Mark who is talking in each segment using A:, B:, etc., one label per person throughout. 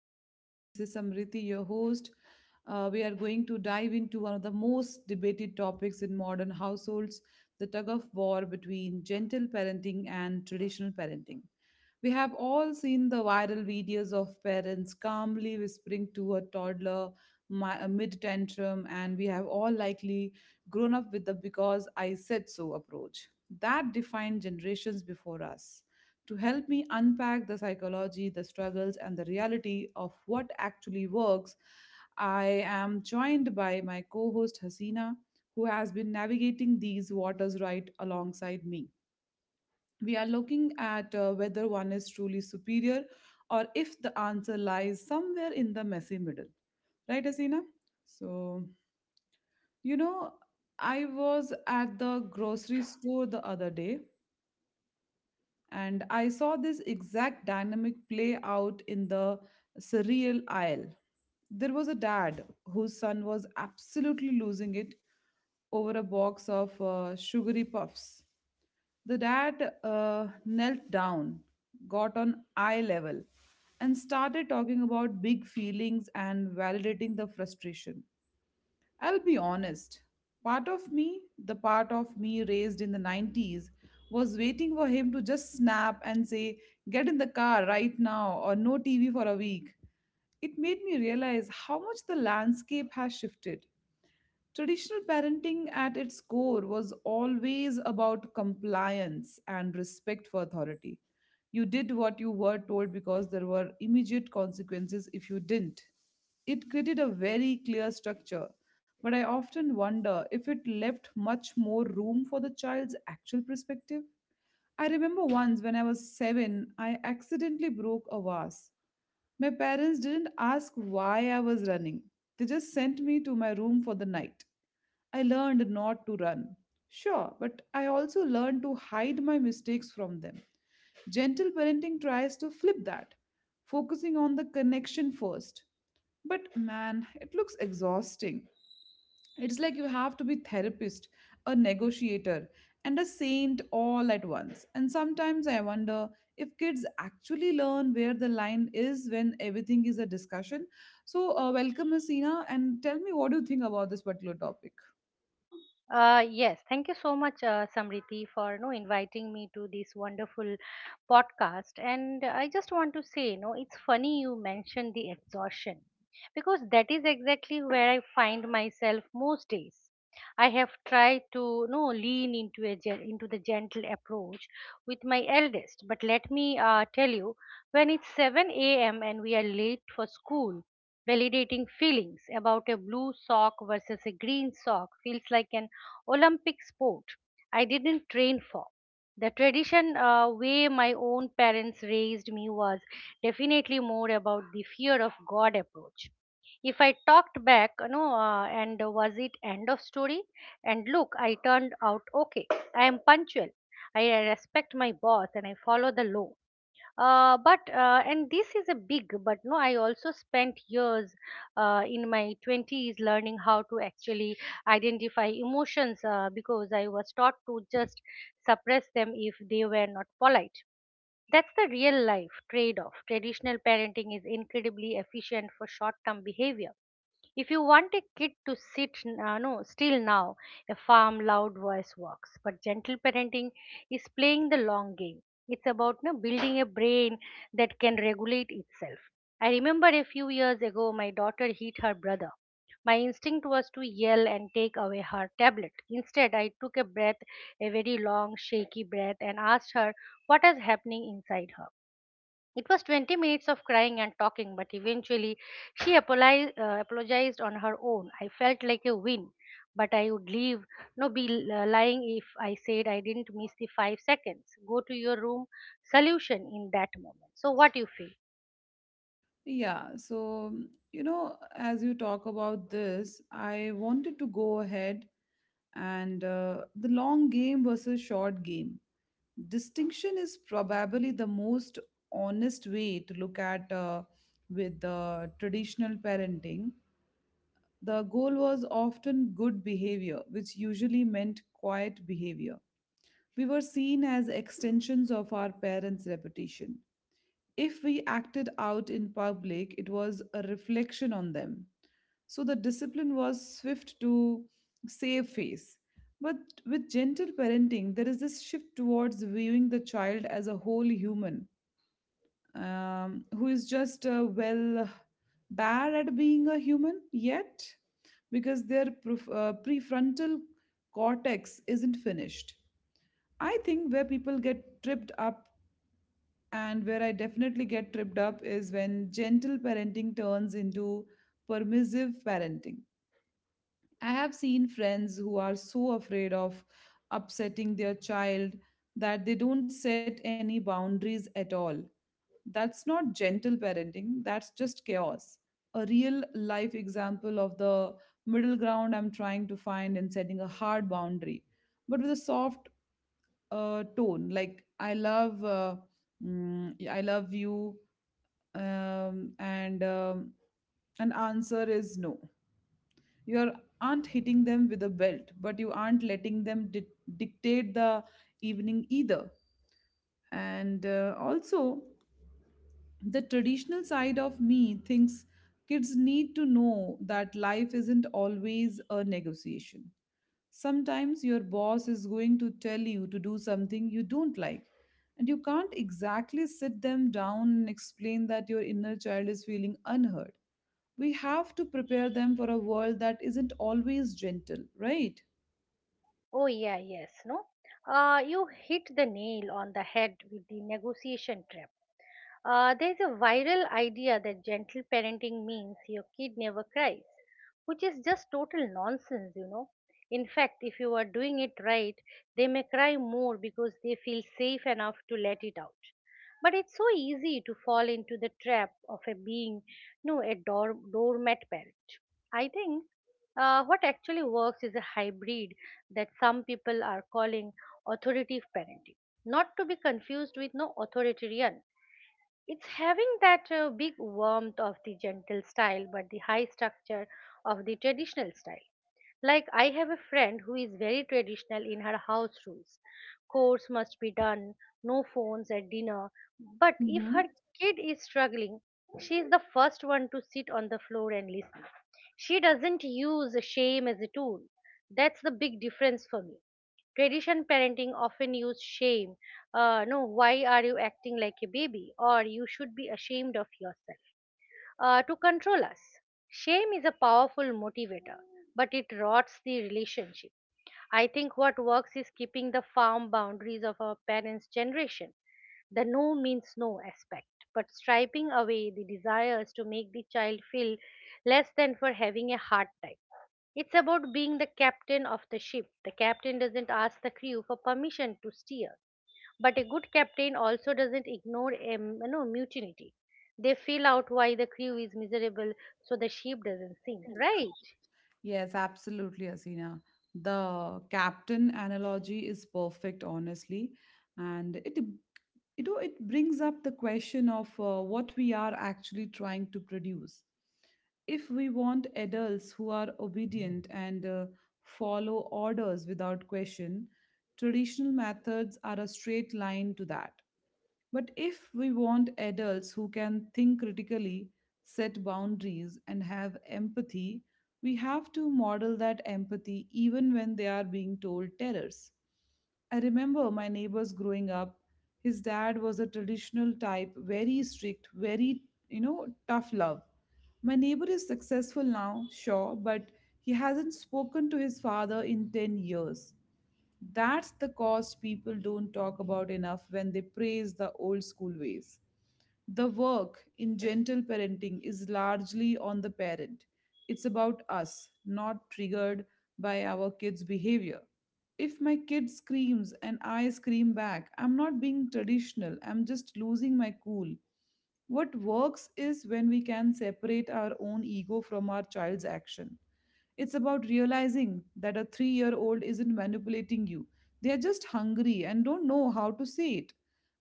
A: Today, this is Samriti, your host. We are going to dive into one of the most debated topics in modern households, the tug of war between gentle parenting and traditional parenting. We have all seen the viral videos of parents calmly whispering to a toddler mid tantrum, and we have all likely grown up with the because I said so approach that defined generations before us. To help me unpack the psychology, the struggles, and the reality of what actually works, I am joined by my co host Hasina, who has been navigating these waters right alongside me. We are looking at whether one is truly superior or if the answer lies somewhere in the messy middle. Right, Hasina? So, you know, I was at the grocery store the other day and I saw this exact dynamic play out in the surreal aisle. There was a dad whose son was absolutely losing it over a box of sugary puffs. The dad knelt down, got on eye level, and started talking about big feelings and validating the frustration. I'll be honest. Part of me, the part of me raised in the 90s, was waiting for him to just snap and say, "Get in the car right now, or no TV for a week." It made me realize how much the landscape has shifted. Traditional parenting at its core was always about compliance and respect for authority. You did what you were told because there were immediate consequences if you didn't. It created a very clear structure, but I often wonder if it left much more room for the child's actual perspective. I remember once when I was seven, I accidentally broke a vase. My parents didn't ask why I was running, they just sent me to my room for the night. I learned not to run. Sure, but I also learned to hide my mistakes from them. Gentle parenting tries to flip that, focusing on the connection first. But man, it looks exhausting. It's like you have to be therapist, a negotiator, and a saint all at once. And sometimes I wonder if kids actually learn where the line is when everything is a discussion. So, welcome, Asina, and tell me what do you think about this particular topic.
B: Yes, Thank you so much, Samriti, for inviting me to this wonderful podcast. And I just want to say, you know, it's funny you mentioned the exhaustion because that is exactly where I find myself most days. I have tried to lean into the gentle approach with my eldest, but let me tell you, when it's 7 a.m. and we are late for school, validating feelings about a blue sock versus a green sock feels like an Olympic sport I didn't train for. The tradition way my own parents raised me was definitely more about the fear of God approach. If I talked back, and was it end of story? And look, I turned out okay. I am punctual. I respect my boss and I follow the law but and this is a big but no I also spent years in my 20s learning how to actually identify emotions because I was taught to just suppress them if they were not polite. That's the real life trade off. Traditional parenting is incredibly efficient for short term behavior. If you want a kid to sit n- no still now, a firm, loud voice works. But gentle parenting is playing the long game. It's about no, building a brain that can regulate itself. I remember a few years ago, my daughter hit her brother. My instinct was to yell and take away her tablet. Instead, I took a breath, a very long, shaky breath, and asked her what is happening inside her. It was 20 minutes of crying and talking, but eventually apologized on her own. I felt like a win, but I would leave, no, be l- lying if I said I didn't miss the 5 seconds. Go to your room solution in that moment. So, what you feel?
A: Yeah, so as you talk about this, I wanted to go ahead and the long game versus short game. Distinction is probably the most honest way to look at with the traditional parenting. The goal was often good behavior, which usually meant quiet behavior. We were seen as extensions of our parents' reputation. If we acted out in public, it was a reflection on them. So the discipline was swift to save face. But with gentle parenting, there is this shift towards viewing the child as a whole human who is just, well, bad at being a human yet because their prefrontal cortex isn't finished. I think where people get tripped up and where I definitely get tripped up is when gentle parenting turns into permissive parenting. I have seen friends who are so afraid of upsetting their child that they don't set any boundaries at all. That's not gentle parenting, that's just chaos. A real life example of the middle ground I'm trying to find in setting a hard boundary, but with a soft tone, like I love you and an answer is no. you are- Not hitting them with a belt, but you aren't letting them dictate the evening either. And also the traditional side of me thinks kids need to know that life isn't always a negotiation. Sometimes your boss is going to tell you to do something you don't like, and you can't exactly sit them down and explain that your inner child is feeling unheard. We have to prepare them for a world that isn't always gentle, right?
B: Oh, yeah, yes, no? You hit the nail on the head with the negotiation trap. There's a viral idea that gentle parenting means your kid never cries, which is just total nonsense, you know. In fact, if you are doing it right, they may cry more because they feel safe enough to let it out. But it's so easy to fall into the trap of a being, no, a door, doormat parent. I think what actually works is a hybrid that some people are calling authoritative parenting, not to be confused with no authoritarian. It's having that big warmth of the gentle style, but the high structure of the traditional style. Like, I have a friend who is very traditional in her house rules. Chores must be done, no phones at dinner. But if her
A: hmm
B: kid is struggling, she is the first one to sit on the floor and listen. She doesn't use shame as a tool. That's the big difference for me. Tradition parenting often use shame. No, Why are you acting like a baby? Or you should be ashamed of yourself. To control us. Shame is a powerful motivator, but it rots the relationship. I think what works is keeping the firm boundaries of our parents' generation, the no means no aspect, but striping away the desires to make the child feel less than for having a hard time. It's about being the captain of the ship. The captain doesn't ask the crew for permission to steer, but a good captain also doesn't ignore a mutiny. They feel out why the crew is miserable so the ship doesn't sink, right?
A: Yes, absolutely, Asina. The captain analogy is perfect, honestly, and it you know it brings up the question of what we are actually trying to produce. If we want adults who are obedient and follow orders without question, traditional methods are a straight line to that. But if we want adults who can think critically, set boundaries, and have empathy, we have to model that empathy even when they are being told terrors. I remember my neighbors growing up. His dad was a traditional type, very strict, very, you know, tough love. My neighbor is successful now, sure, but he hasn't spoken to his father in 10 years. That's the cost people don't talk about enough when they praise the old school ways. The work in gentle parenting is largely on the parent. It's about us, not triggered by our kids' behavior. If my kid screams and I scream back, I'm not being traditional, I'm just losing my cool. What works is when we can separate our own ego from our child's action. It's about realizing that a 3 year old isn't manipulating you. They are just hungry and don't know how to say it.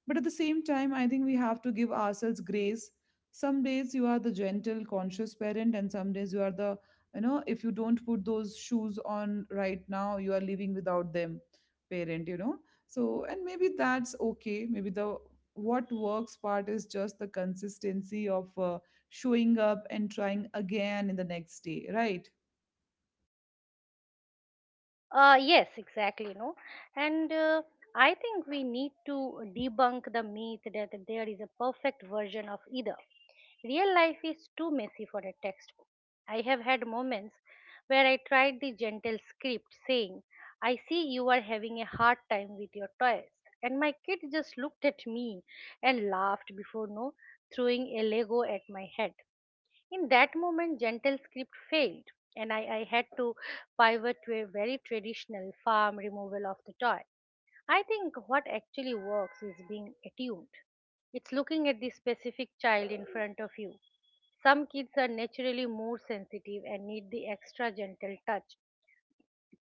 A: But at the same time, I think we have to give ourselves grace. Some days you are the gentle, conscious parent, and some days you are the, you know, if you don't put those shoes on right now, you are living without them parent, you know. So, and maybe that's okay. Maybe the what works part is just the consistency of showing up and trying again in the next day, right?
B: Yes, exactly. No, and I think we need to debunk the myth that there is a perfect version of either. Real life is too messy for a textbook. I have had moments where I tried the gentle script saying, I see you are having a hard time with your toys. And my kid just looked at me and laughed before no throwing a Lego at my head. In that moment, gentle script failed, and I had to pivot to a very traditional farm removal of the toy. I think what actually works is being attuned. It's looking at the specific child in front of you. Some kids are naturally more sensitive and need the extra gentle touch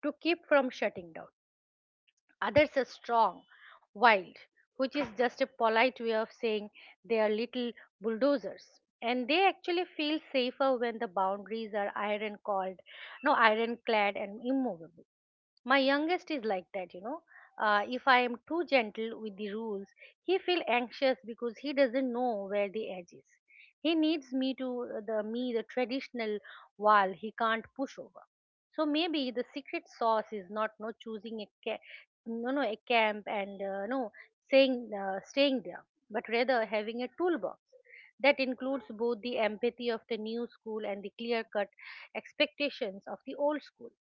B: to keep from shutting down. Others are strong, wild, which is just a polite way of saying they are little bulldozers. And they actually feel safer when the boundaries are iron called, no, ironclad and immovable. My youngest is like that, you know. If I am too gentle with the rules, he feels anxious because he doesn't know where the edge is. He needs me to the traditional wall he can't push over. So maybe the secret sauce is not choosing a camp and no saying staying there, but rather having a toolbox that includes both the empathy of the new school and the clear cut expectations of the old school.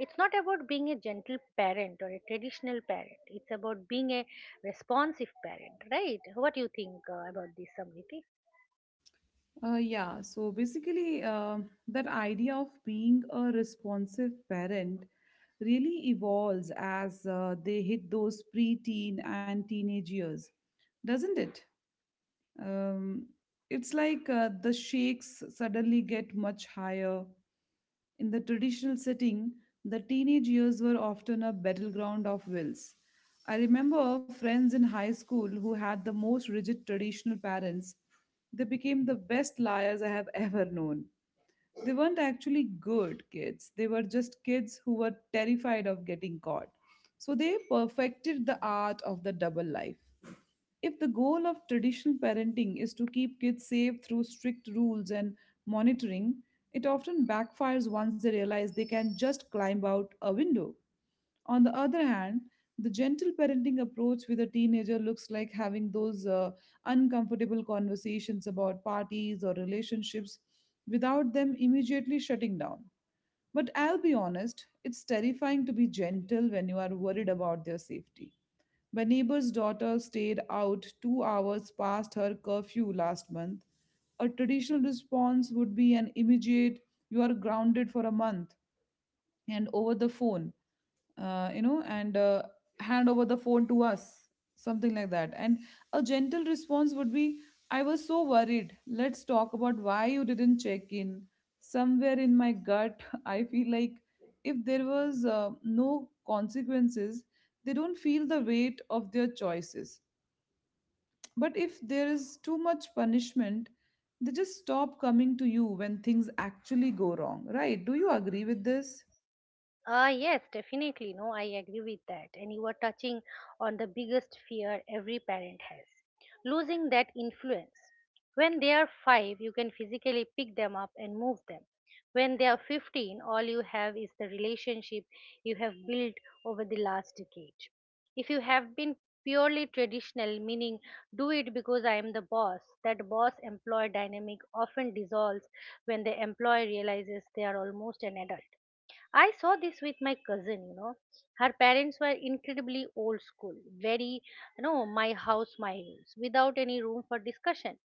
B: It's not about being a gentle parent or a traditional parent. It's about being a responsive parent, right? What do you think about this, Samriti?
A: Yeah, so basically, that idea of being a responsive parent really evolves as they hit those preteen and teenage years, doesn't it? Um, it's like the shakes suddenly get much higher. In the traditional setting, the teenage years were often a battleground of wills. I remember friends in high school who had the most rigid traditional parents. They became the best liars I have ever known. They weren't actually good kids, they were just kids who were terrified of getting caught. So they perfected the art of the double life. If the goal of traditional parenting is to keep kids safe through strict rules and monitoring, it often backfires once they realize they can just climb out a window. On the other hand, the gentle parenting approach with a teenager looks like having those uncomfortable conversations about parties or relationships without them immediately shutting down. But I'll be honest, it's terrifying to be gentle when you are worried about their safety. My neighbor's daughter stayed out 2 hours past her curfew last month. A traditional response would be an immediate, "You are grounded for a month and over the phone," you know and "hand over the phone to us," something like that. And a gentle response would be, "I was so worried, let's talk about why you didn't check in." Somewhere in my gut I feel like if there was no consequences, they don't feel the weight of their choices. But if there is too much punishment, they just stop coming to you when things actually go wrong, right? Do you agree with this?
B: Ah yes, definitely. No, I agree with that. And you are touching on the biggest fear every parent has, losing that influence. When they are five, you can physically pick them up and move them. When they are 15, all you have is the relationship you have built over the last decade. If you have been purely traditional, meaning do it because I am the boss, that boss employee dynamic often dissolves when the employee realizes they are almost an adult. I saw this with my cousin, you know. Her parents were incredibly old school, very, you know, my house, my rules, without any room for discussion.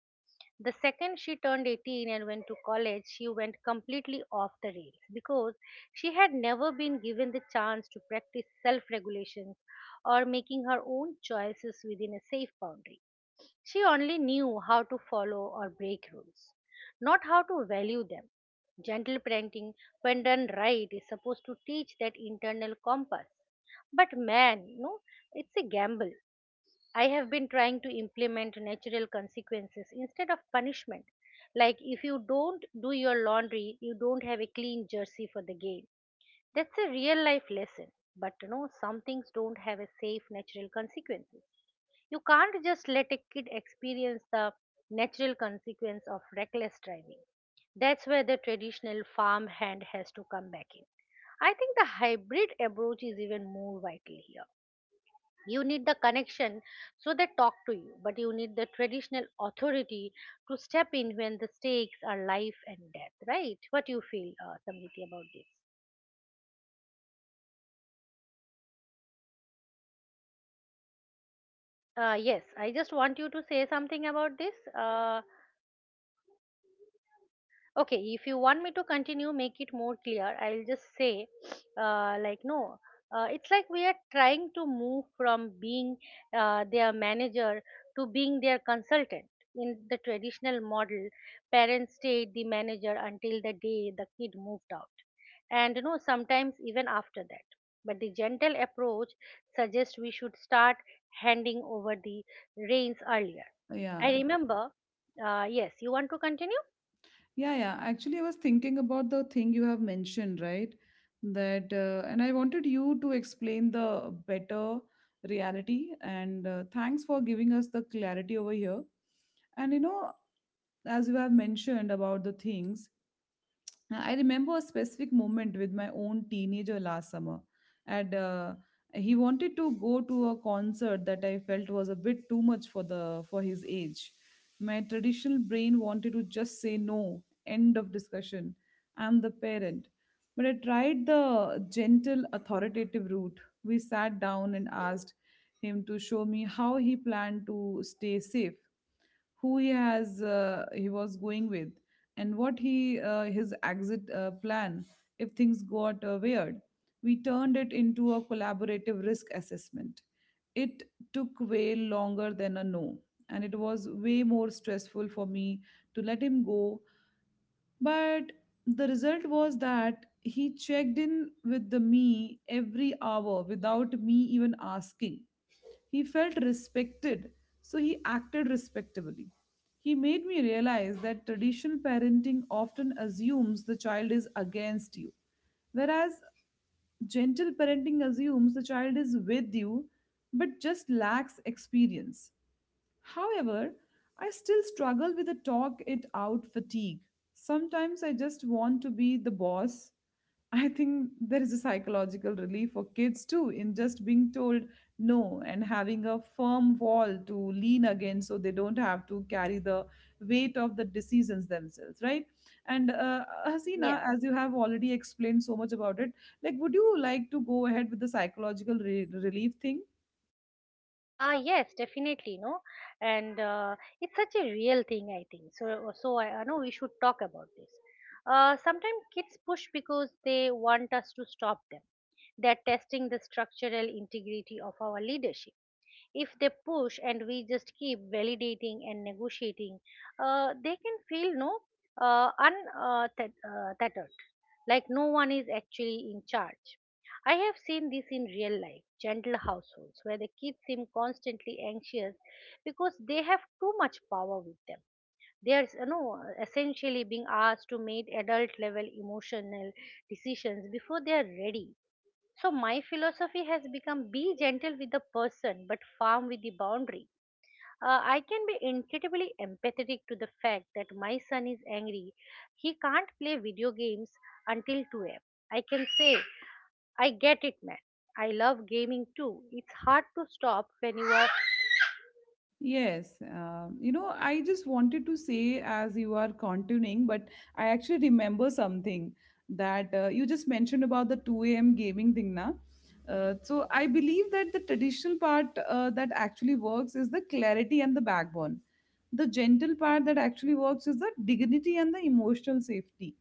B: The second she turned 18 and went to college, she went completely off the rails because she had never been given the chance to practice self regulations or making her own choices within a safe boundary. She only knew how to follow or break rules, not how to value them. Gentle parenting, when done right, is supposed to teach that internal compass. But man, you know, it's a gamble. I have been trying to implement natural consequences instead of punishment. Like if you don't do your laundry, you don't have a clean jersey for the game. That's a real life lesson. But you know, some things don't have a safe natural consequence. You can't just let a kid experience the natural consequence of reckless driving. That's where the traditional farm hand has to come back in. I think the hybrid approach is even more vital here. You need the connection so they talk to you, but you need the traditional authority to step in when the stakes are life and death, right? What you feel, Samriti, about this? Yes, I just want you to say something about this. Uh, Okay, if you want me to continue, make it more clear. I'll just say, like, no, it's like we are trying to move from being their manager to being their consultant. In the traditional model, parents stayed the manager until the day the kid moved out, and you know, sometimes even after that. But the gentle approach suggests we should start handing over the reins earlier.
A: yeah
B: I remember, yes, you want to continue?
A: Yeah, yeah. Actually, I was thinking about the thing you have mentioned, right? And I wanted you to explain the better reality. And thanks for giving us the clarity over here. And, you know, as you have mentioned about the things, I remember a specific moment with my own teenager last summer, and he wanted to go to a concert that I felt was a bit too much for the for his age. My traditional brain wanted to just say no, end of discussion. I'm the parent, but I tried the gentle, authoritative route. We sat down and asked him to show me how he planned to stay safe, who he was going with, and what he his exit plan if things got weird. We turned it into a collaborative risk assessment. It took way longer than a no, and it was way more stressful for me to let him go, but the result was that he checked in with the me every hour without me even asking. He felt respected, so he acted respectably. He made me realize that traditional parenting often assumes the child is against you, whereas gentle parenting assumes the child is with you but just lacks experience. However, I still struggle with the talk it out fatigue. Sometimes I just want to be the boss. I think there is a psychological relief for kids too in just being told no and having a firm wall to lean against so they don't have to carry the weight of the decisions themselves, right? And
B: Yeah.
A: Hasina, as you have already explained so much about it, like, would you like to go ahead with the psychological relief thing?
B: Yes, definitely, no, and it's such a real thing, I think. So I know we should talk about this. Sometimes kids push because they want us to stop them. They're testing the structural integrity of our leadership. If they push and we just keep validating and negotiating, they can feel no un th- tethered, like no one is actually in charge. I have seen this in real life gentle households where the kids seem constantly anxious because they have too much power with them. They are, you know, essentially being asked to make adult level emotional decisions before they are ready. So my philosophy has become be gentle with the person but firm with the boundary. I can be incredibly empathetic to the fact that my son is angry. He can't play video games until 2 am. I can say, I get it, man. I love gaming too. It's hard to stop when you are.
A: Yes, I just wanted to say as you are continuing, but I actually remember something that you just mentioned about the 2 a.m. gaming thing, na? So I believe that the traditional part that actually works is the clarity and the backbone. The gentle part that actually works is the dignity and the emotional safety.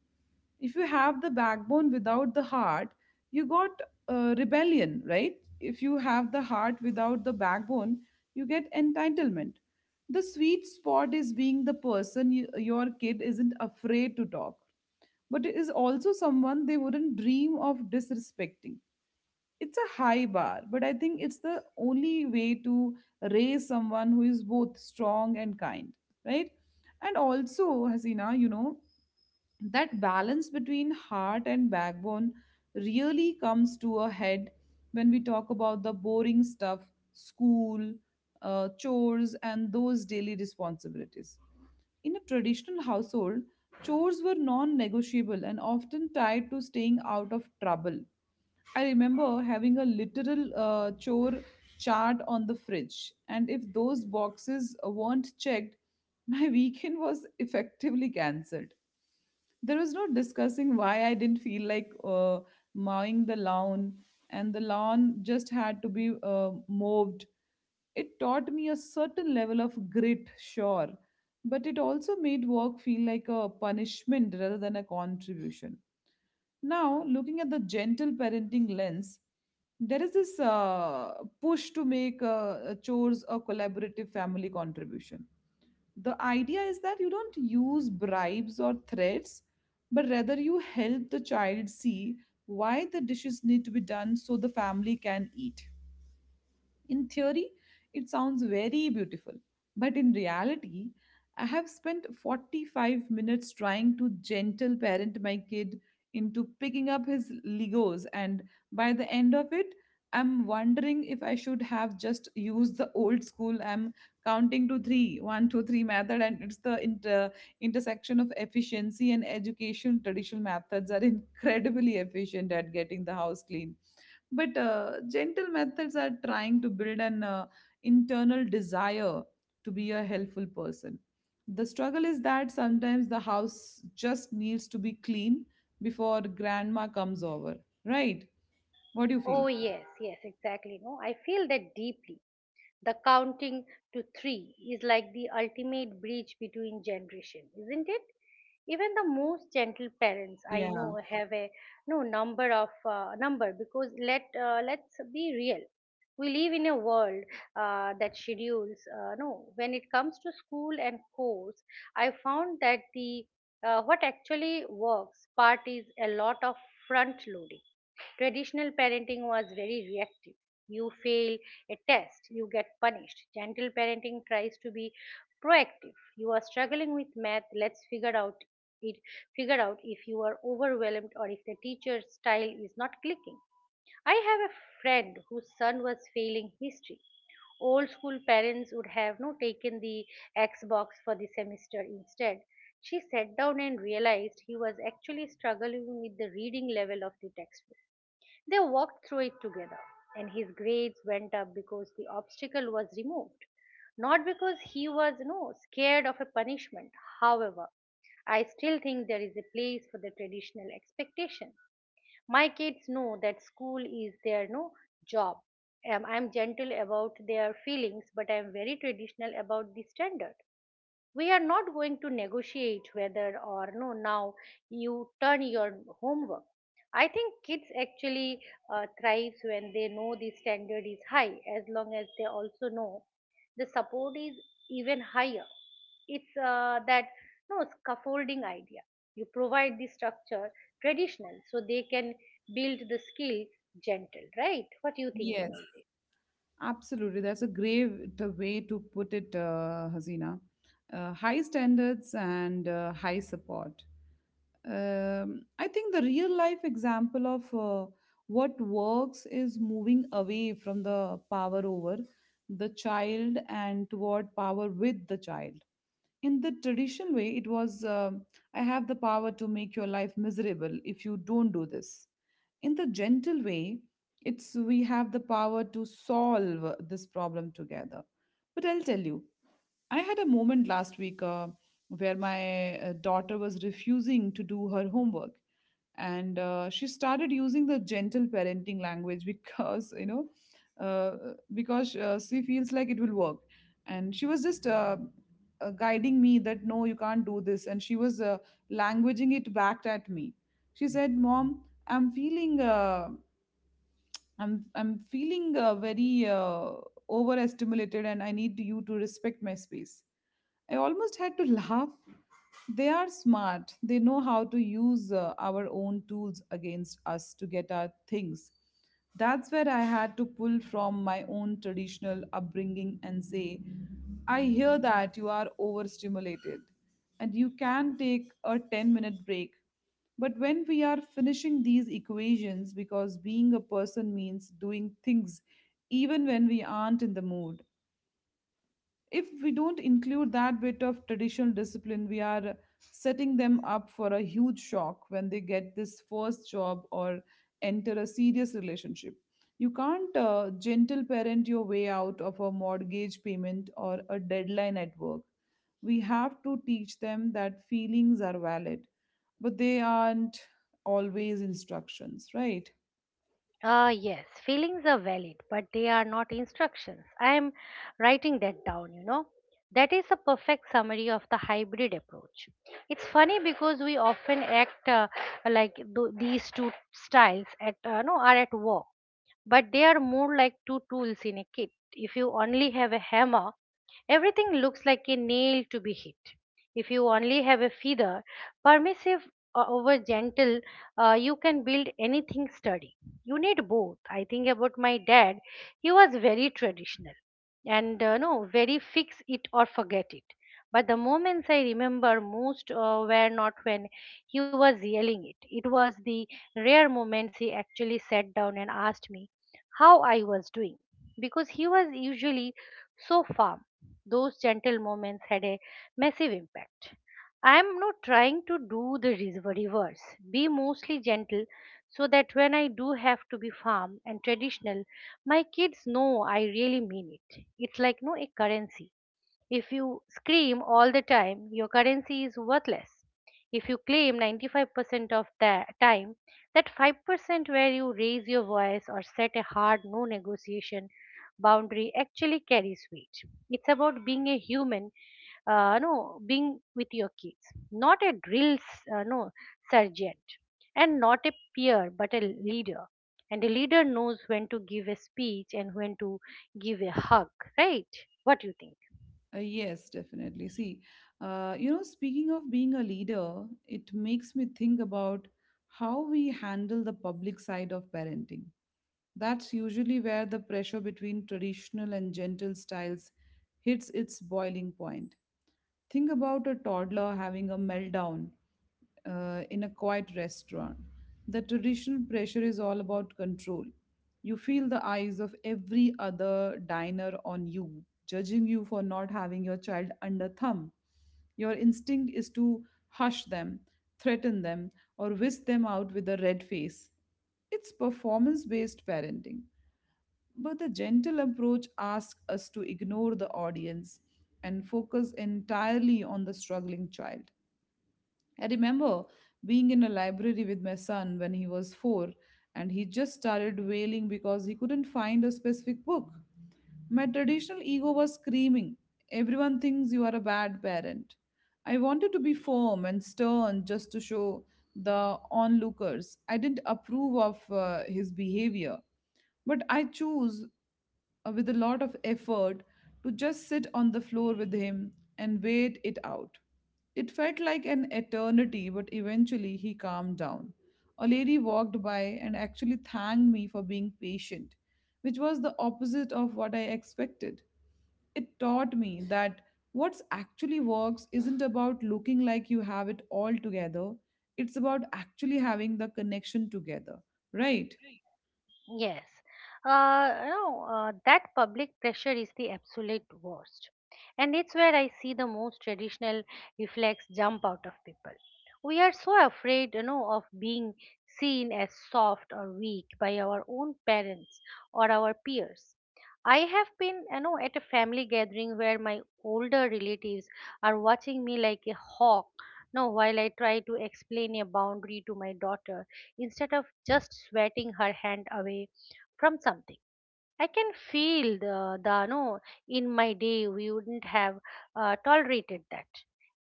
A: If you have the backbone without the heart, you got rebellion, right? If you have the heart without the backbone, you get entitlement. The sweet spot is being the person you, your kid isn't afraid to talk, but is also someone they wouldn't dream of disrespecting. It's a high bar, but I think it's the only way to raise someone who is both strong and kind, right? And also, Hasina, you know, that balance between heart and backbone really comes to a head when we talk about the boring stuff. School, chores, and those daily responsibilities. In a traditional household, chores were non-negotiable and often tied to staying out of trouble. I remember having a literal chore chart on the fridge, and if those boxes weren't checked, my weekend was effectively cancelled. There was no discussing why I didn't feel like mowing the lawn, and the lawn just had to be mowed. It taught me a certain level of grit, sure, but it also made work feel like a punishment rather than a contribution. Now, looking at the gentle parenting lens, there is this push to make chores a collaborative family contribution. The idea is that you don't use bribes or threats, but rather you help the child see why the dishes need to be done so the family can eat. In theory, it sounds very beautiful, but in reality, I have spent 45 minutes trying to gentle parent my kid into picking up his Legos, and by the end of it, I'm wondering if I should have just used the old school I'm counting to three, one, two, three method. And it's the intersection of efficiency and education. Traditional methods are incredibly efficient at getting the house clean, but gentle methods are trying to build an internal desire to be a helpful person. The struggle is that sometimes the house just needs to be clean before grandma comes over, right? What do you feel?
B: Oh, yes, yes, exactly. No, I feel that deeply. The counting to three is like the ultimate bridge between generations, isn't it? Even the most gentle parents I
A: Yeah.
B: know have a no number of number, because let's be real. We live in a world that schedules. No, When it comes to school and course, I found that the what actually works part is a lot of front loading. Traditional parenting was very reactive. You fail a test, you get punished. Gentle parenting tries to be proactive. You are struggling with math, let's figure out it figure out if you are overwhelmed or if the teacher's style is not clicking. I have a friend whose son was failing history. Old school parents would have no taken the Xbox for the semester instead. She sat down and realized he was actually struggling with the reading level of the textbook. They walked through it together, and his grades went up because the obstacle was removed, not because he was no scared of a punishment. However, I still think there is a place for the traditional expectation. My kids know that school is their no job. I'm gentle about their feelings, but I'm very traditional about the standard. We are not going to negotiate whether or no now you turn your homework. I think kids actually thrives when they know the standard is high, as long as they also know the support is even higher. It's that no scaffolding idea. You provide the structure traditional so they can build the skill gentle, right? What do you think
A: Yes.
B: about it?
A: Absolutely. That's a great way to put it, Hasina. High standards and high support. I think the real life example of what works is moving away from the power over the child and toward power with the child. In the traditional way, it was, I have the power to make your life miserable if you don't do this. In the gentle way, it's we have the power to solve this problem together. But I'll tell you, I had a moment last week where my daughter was refusing to do her homework. And She started using the gentle parenting language because, you know, because she feels like it will work. And she was just guiding me that, no, you can't do this. And she was languaging it back at me. She said, Mom, I'm feeling. I'm feeling very overstimulated, and I need you to respect my space. I almost had to laugh. They are smart. They know how to use our own tools against us to get our things. That's where I had to pull from my own traditional upbringing and say, I hear that you are overstimulated and you can take a 10-minute minute break. But when we are finishing these equations, because being a person means doing things even when we aren't in the mood, if we don't include that bit of traditional discipline, we are setting them up for a huge shock when they get this first job or enter a serious relationship. You can't gentle parent your way out of a mortgage payment or a deadline at work. We have to teach them that feelings are valid, but they aren't always instructions, right?
B: Yes, feelings are valid, but they are not instructions. I am writing that down, you know. That is a perfect summary of the hybrid approach. It's funny because we often act like these two styles at no are at war, but they are more like two tools in a kit. If you only have a hammer, everything looks like a nail to be hit. If you only have a feather, permissive, over gentle, you can build anything sturdy. You need both. I think about my dad, he was very traditional and no, very fix it or forget it. But the moments I remember most were not when he was yelling it. It was the rare moments he actually sat down and asked me how I was doing, because he was usually so firm, those gentle moments had a massive impact. I am not trying to do the reverse, be mostly gentle so that when I do have to be firm and traditional, my kids know I really mean it. It's like no a currency. If you scream all the time, your currency is worthless. If you claim 95% of the time, that 5% where you raise your voice or set a hard no negotiation boundary actually carries weight. It's about being a human, no, being with your kids, not a drill, no, sergeant, and not a peer, but a leader. And a leader knows when to give a speech and when to give a hug, right? What do you think?
A: Yes, definitely. See, you know, speaking of being a leader, it makes me think about how we handle the public side of parenting. That's usually where the pressure between traditional and gentle styles hits its boiling point. Think about a toddler having a meltdown in a quiet restaurant. The traditional pressure is all about control. You feel the eyes of every other diner on you, judging you for not having your child under thumb. Your instinct is to hush them, threaten them, or whisk them out with a red face. It's performance based parenting. But the gentle approach asks us to ignore the audience and focus entirely on the struggling child. I remember being in a library with my son when he was four, and he just started wailing because he couldn't find a specific book. My traditional ego was screaming, everyone thinks you are a bad parent. I wanted to be firm and stern just to show the onlookers I didn't approve of his behavior. But I choose with a lot of effort to just sit on the floor with him and wait it out. It felt like an eternity, but eventually he calmed down. A lady walked by and actually thanked me for being patient, which was the opposite of what I expected. It taught me that what's actually works isn't about looking like you have it all together, it's about actually having the connection together, right?
B: Yes. You know, that public pressure is the absolute worst. And it's where I see the most traditional reflex jump out of people. We are so afraid, you know, of being seen as soft or weak by our own parents or our peers. I have been, you know, at a family gathering where my older relatives are watching me like a hawk, you while I try to explain a boundary to my daughter instead of just sweating her hand away from something. I can feel the no, in my day we wouldn't have tolerated that.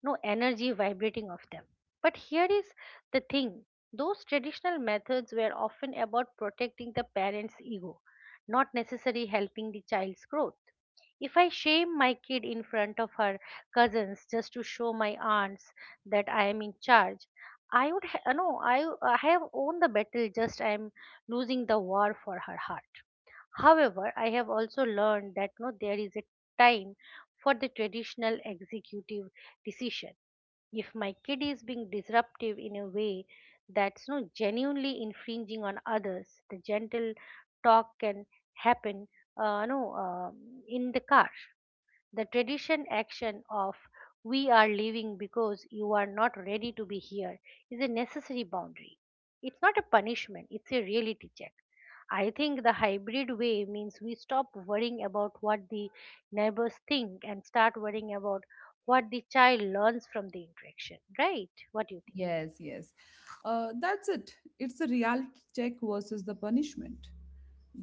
B: No energy vibrating off them. But here is the thing, those traditional methods were often about protecting the parent's ego, not necessarily helping the child's growth. If I shame my kid in front of her cousins just to show my aunts that I am in charge, I would no, I have won the battle. Just I am losing the war for her heart. However, I have also learned that no, there is a time for the traditional executive decision. If my kid is being disruptive in a way that's no genuinely infringing on others, the gentle talk can happen no, in the car. The tradition action of we are leaving because you are not ready to be here" is a necessary boundary. It's not a punishment, it's a reality check. I think the hybrid way means we stop worrying about what the neighbors think and start worrying about what the child learns from the interaction, right? What do you think?
A: Yes, yes. That's it. It's the reality check versus the punishment.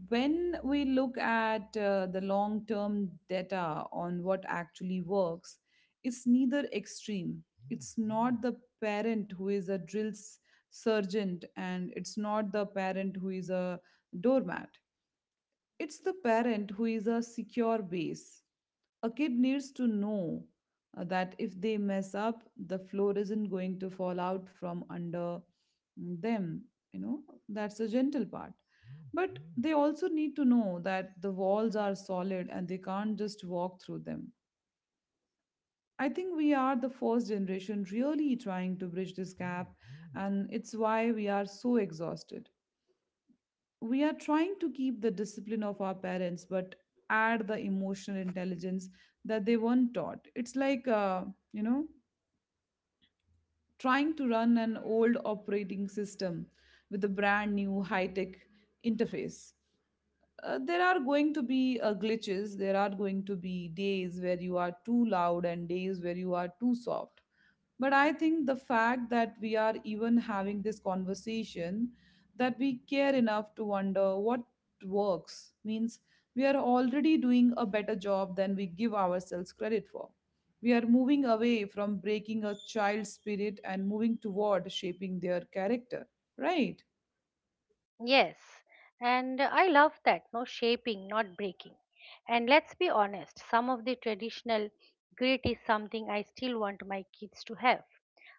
A: When we look at the long term data on what actually works, it's neither extreme. It's not the parent who is a drill sergeant, and it's not the parent who is a doormat. It's the parent who is a secure base. A kid needs to know that if they mess up, the floor isn't going to fall out from under them. You know, that's the gentle part. But they also need to know that the walls are solid and they can't just walk through them. I think we are the first generation really trying to bridge this gap, and it's why we are so exhausted. We are trying to keep the discipline of our parents but add the emotional intelligence that they weren't taught. It's like you know trying to run an old operating system with a brand new high tech interface. There are going to be glitches. There are going to be days where you are too loud and days where you are too soft. But I think the fact that we are even having this conversation, that we care enough to wonder what works, means we are already doing a better job than we give ourselves credit for. We are moving away from breaking a child's spirit and moving toward shaping their character, right?
B: Yes, and I love that, no shaping, not breaking. And let's be honest, some of the traditional grit is something I still want my kids to have.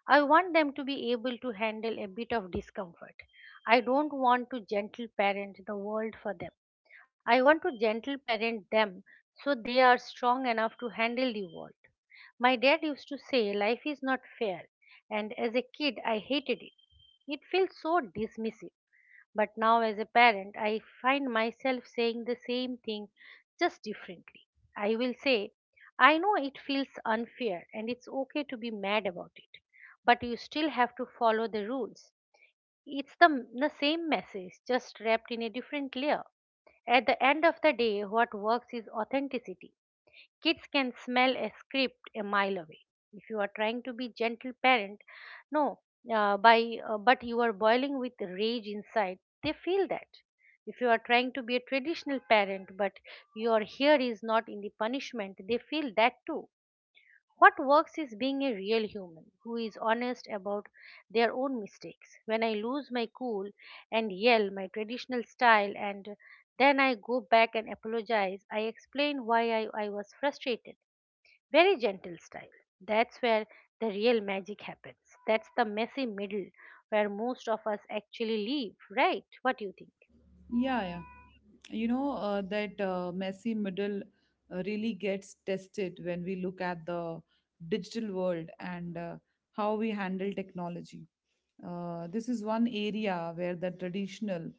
B: I want them to be able to handle a bit of discomfort. I don't want to gentle parent the world for them. I want to gentle parent them so they are strong enough to handle the world. My dad used to say life is not fair, and as a kid I hated it. It feels so dismissive. But now, as a parent, I find myself saying the same thing just differently. I will say, I know it feels unfair and it's okay to be mad about it, but you still have to follow the rules. It's the same message, just wrapped in a different layer. At the end of the day, what works is authenticity. Kids can smell a script a mile away. If you are trying to be gentle parent, no, by but you are boiling with rage inside, they feel that. If you are trying to be a traditional parent, but your here is not in the punishment, they feel that too. What works is being a real human who is honest about their own mistakes. When I lose my cool and yell my traditional style and then I go back and apologize. I explain why I was frustrated very gentle style. That's where the real magic happens. That's the messy middle where most of us actually live, right? What do you think?
A: Yeah, yeah. You know, that messy middle really gets tested when we look at the digital world and how we handle technology. This is one area where the traditional,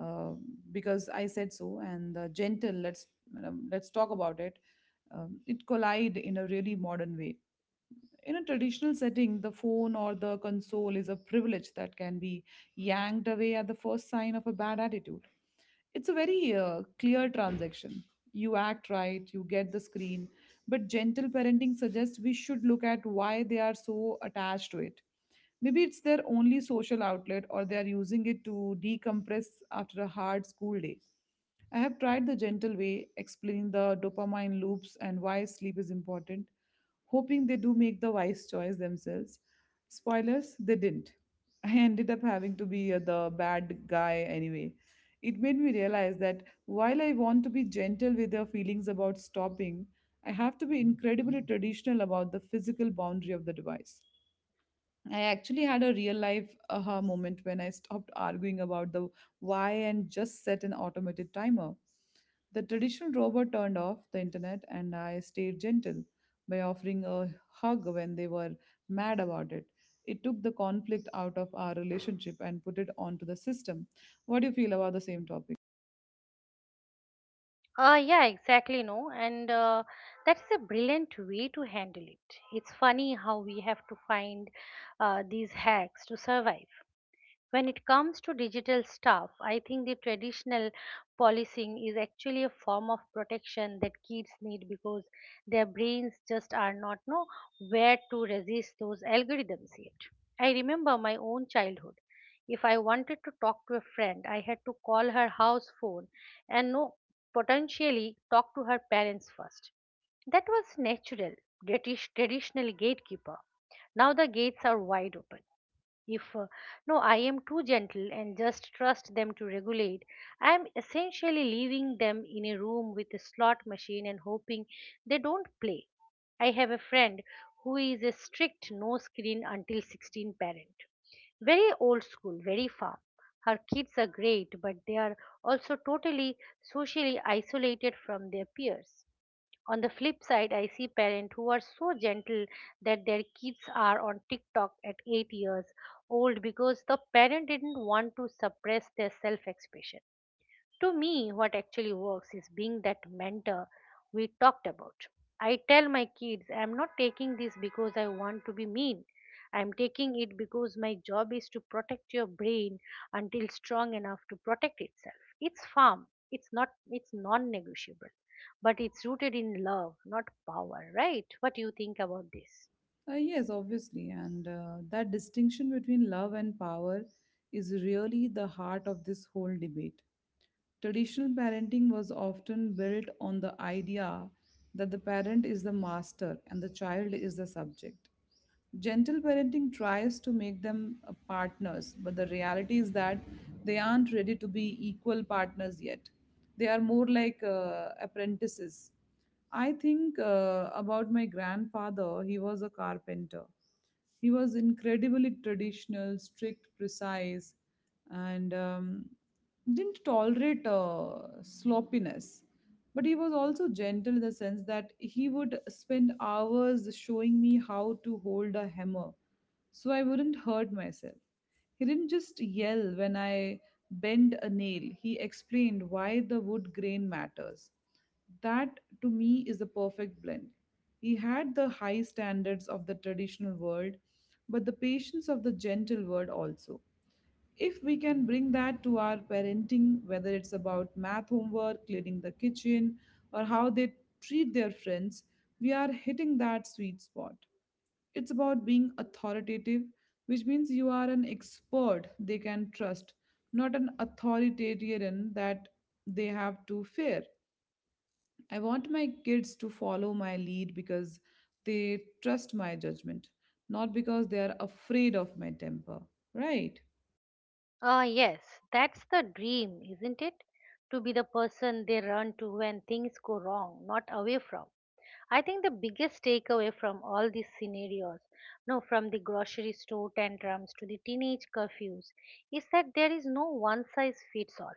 A: uh, because I said so, and the gentle, let's talk about it. It collide in a really modern way. In a traditional setting, the phone or the console is a privilege that can be yanked away at the first sign of a bad attitude. It's a very clear transaction. You act right, you get the screen. But gentle parenting suggests we should look at why they are so attached to it. Maybe it's their only social outlet or they are using it to decompress after a hard school day. I have tried the gentle way, explaining the dopamine loops and why sleep is important, hoping they do make the wise choice themselves. Spoilers, they didn't. I ended up having to be the bad guy anyway. It made me realize that while I want to be gentle with their feelings about stopping, I have to be incredibly traditional about the physical boundary of the device. I actually had a real life aha moment when I stopped arguing about the why and just set an automated timer. The traditional robot turned off the internet and I stayed gentle by offering a hug when they were mad about it. It took the conflict out of our relationship and put it onto the system. What do you feel about the same topic?
B: Ah, yeah, exactly. No, and that's a brilliant way to handle it. It's funny how we have to find these hacks to survive. When it comes to digital stuff, I think the traditional policing is actually a form of protection that kids need because their brains just are not know where to resist those algorithms yet. I remember my own childhood. If I wanted to talk to a friend, I had to call her house phone and no potentially talk to her parents first. That was natural, traditional gatekeeper. Now the gates are wide open. If no, I am too gentle and just trust them to regulate, I am essentially leaving them in a room with a slot machine and hoping they don't play. I have a friend who is a strict no screen until 16 parent. Very old school, very firm. Her kids are great, but they are also totally socially isolated from their peers. On the flip side, I see parents who are so gentle that their kids are on TikTok at 8 years old because the parent didn't want to suppress their self expression. To me, what actually works is being that mentor we talked about. I tell my kids I'm not taking this because I want to be mean. I'm taking it because my job is to protect your brain until strong enough to protect itself. It's firm. It's not it's non-negotiable, but it's rooted in love, not power, right? What do you think about this?
A: Yes, obviously. And That distinction between love and power is really the heart of this whole debate. Traditional parenting was often built on the idea that the parent is the master and the child is the subject. Gentle parenting tries to make them partners, but the reality is that they aren't ready to be equal partners yet. They are more like apprentices. I think about my grandfather, he was a carpenter. He was incredibly traditional, strict, precise, and didn't tolerate sloppiness. But he was also gentle in the sense that he would spend hours showing me how to hold a hammer so I wouldn't hurt myself. He didn't just yell when I bent a nail, he explained why the wood grain matters. That to me is the perfect blend. He had the high standards of the traditional world but the patience of the gentle word also. If we can bring that to our parenting, whether it's about math homework, cleaning the kitchen, or how they treat their friends, we are hitting that sweet spot. It's about being authoritative, which means you are an expert they can trust, not an authoritarian that they have to fear. I want my kids to follow my lead because they trust my judgment, not because they are afraid of my temper, right?
B: Ah, yes, that's the dream, isn't it? To be the person they run to when things go wrong, not away from. I think the biggest takeaway from all these scenarios, no, from the grocery store tantrums to the teenage curfews, is that there is no one size fits all.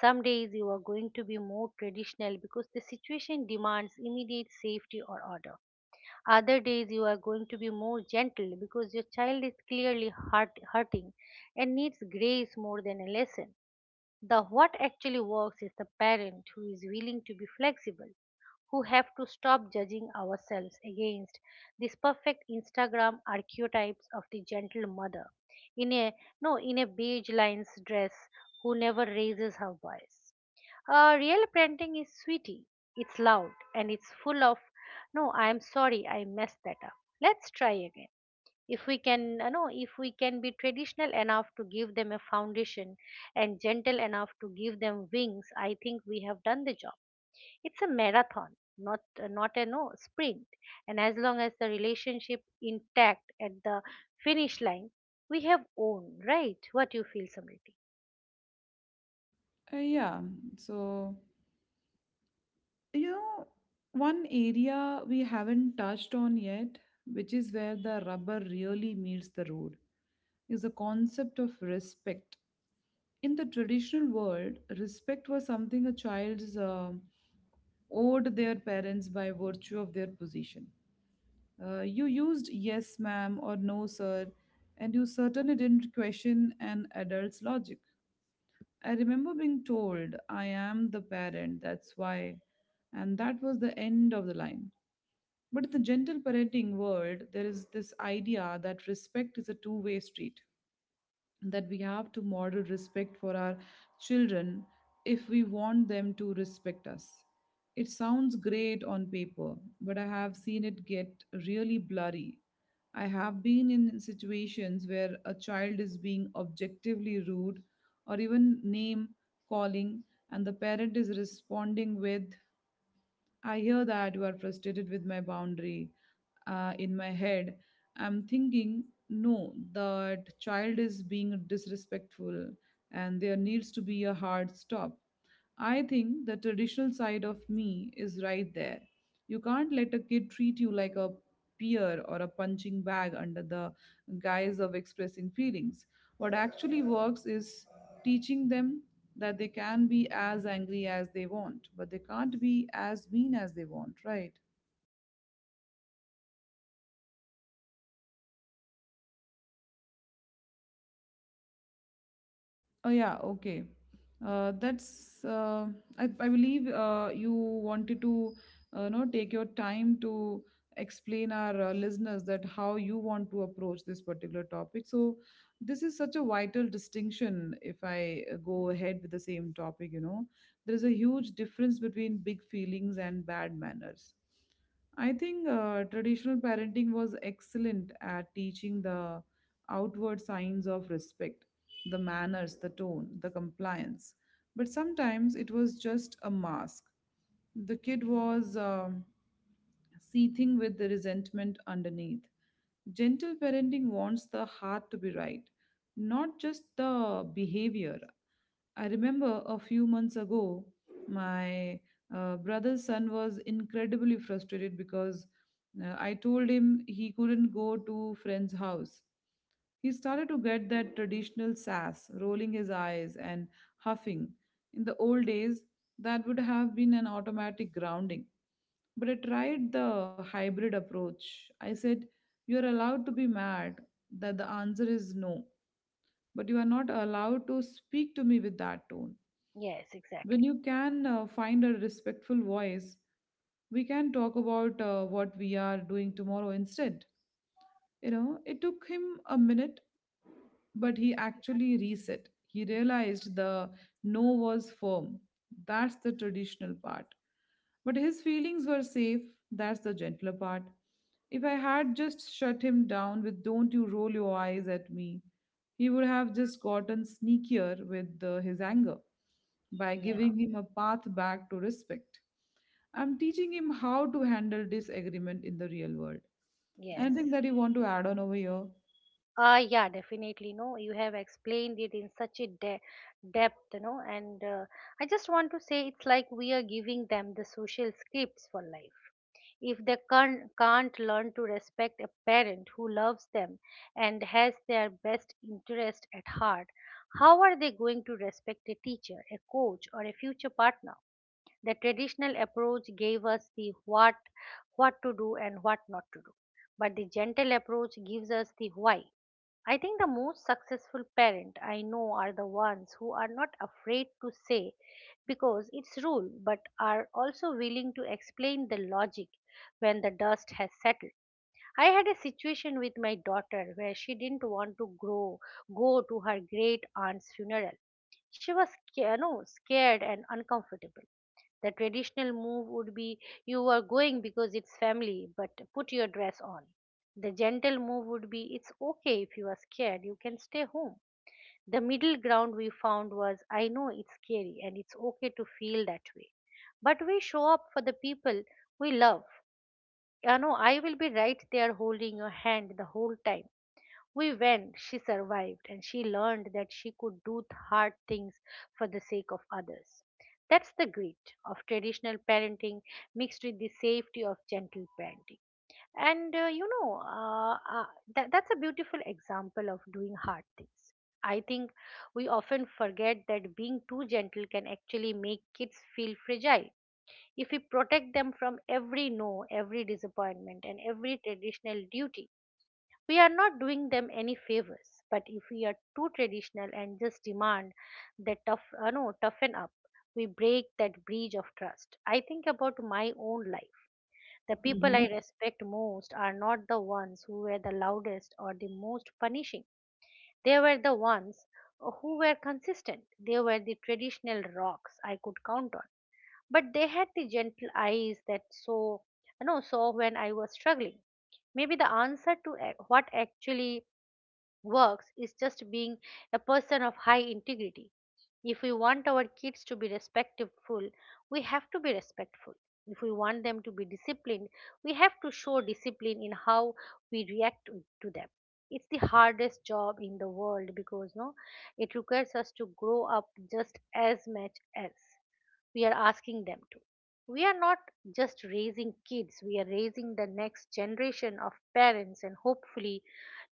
B: Some days you are going to be more traditional because the situation demands immediate safety or order, other days you are going to be more gentle because your child is clearly hurt, hurting and needs grace more than a lesson. The what actually works is the parent who is willing to be flexible, who have to stop judging ourselves against these perfect Instagram archetypes of the gentle mother in a no in a beige lines dress who never raises her voice. Real parenting is sweetie. It's loud and it's full of, no, I'm sorry, I messed that up. Let's try again. If we can, you know, if we can be traditional enough to give them a foundation and gentle enough to give them wings, I think we have done the job. It's a marathon, not not a no sprint. And as long as the relationship intact at the finish line, we have owned, right? What you feel, Samriti?
A: Yeah, so, you know, one area we haven't touched on yet, which is where the rubber really meets the road, is the concept of respect. In the traditional world, respect was something a child owed their parents by virtue of their position. You used yes, ma'am, or no, sir, and you certainly didn't question an adult's logic. I remember being told, "I am the parent, that's why." And that was the end of the line. But in the gentle parenting world, there is this idea that respect is a two-way street, that we have to model respect for our children if we want them to respect us. It sounds great on paper, but I have seen it get really blurry. I have been in situations where a child is being objectively rude or even name calling, and the parent is responding with, "I hear that you are frustrated with my boundary." In my head, I'm thinking, no, that child is being disrespectful and there needs to be a hard stop. I think the traditional side of me is right there. You can't let a kid treat you like a peer or a punching bag under the guise of expressing feelings. What actually works is teaching them that they can be as angry as they want, but they can't be as mean as they want, right? Oh yeah, okay. That's I believe you wanted to know, take your time to explain our listeners that how you want to approach this particular topic. So this is such a vital distinction if I go ahead with the same topic, There is a huge difference between big feelings and bad manners. I think traditional parenting was excellent at teaching the outward signs of respect, the manners, the tone, the compliance. But sometimes it was just a mask. The kid was seething with the resentment underneath. Gentle parenting wants the heart to be right, not just the behavior. I remember a few months ago, my brother's son was incredibly frustrated because I told him he couldn't go to friend's house. He started to get that traditional sass, rolling his eyes and huffing. In the old days, that would have been an automatic grounding. But I tried the hybrid approach. I said, "You're allowed to be mad, that the answer is no, but you are not allowed to speak to me with that tone.
B: Yes,
A: When
B: exactly.
A: you can find a respectful voice, we can talk about what we are doing tomorrow instead." You know, it took him a minute, but he actually reset. He realized the no was firm. That's the traditional part. But his feelings were safe. That's the gentler part. If I had just shut him down with "don't you roll your eyes at me," he would have just gotten sneakier with his anger. By
B: Yeah.
A: giving him a path back to respect, I'm teaching him how to handle disagreement in the real world.
B: Yes.
A: Anything that you want to add on over here?
B: Yeah, definitely. No, you have explained it in such a depth, you know, and I just want to say it's like we are giving them the social scripts for life. If they can't learn to respect a parent who loves them and has their best interest at heart, how are they going to respect a teacher, a coach, or a future partner? The traditional approach gave us the what to do and what not to do, but the gentle approach gives us the why. I think the most successful parent I know are the ones who are not afraid to say because it's rule but are also willing to explain the logic when the dust has settled. I had a situation with my daughter where she didn't want to grow go to her great aunt's funeral. She was sca- no, scared and uncomfortable. The traditional move would be you are going because it's family, but put your dress on. The gentle move would be it's okay if you are scared, you can stay home. The middle ground we found was I know it's scary and it's okay to feel that way. But we show up for the people we love. You know, I will be right there holding your hand the whole time. We went, she survived, and she learned that she could do hard things for the sake of others. That's the grit of traditional parenting mixed with the safety of gentle parenting. And you know, that, that's a beautiful example of doing hard things. I think we often forget that being too gentle can actually make kids feel fragile. If we protect them from every no, every disappointment, and every traditional duty, we are not doing them any favors. But if we are too traditional and just demand that tough, no, toughen up, we break that bridge of trust. I think about my own life. The people I respect most are not the ones who were the loudest or the most punishing. They were the ones who were consistent. They were the traditional rocks I could count on. But they had the gentle eyes that saw, you know, saw when I was struggling. Maybe the answer to what actually works is just being a person of high integrity. If we want our kids to be respectful, we have to be respectful. If we want them to be disciplined, we have to show discipline in how we react to them. It's the hardest job in the world because no, it requires us to grow up just as much as we are asking them to. We are not just raising kids, we are raising the next generation of parents, and hopefully,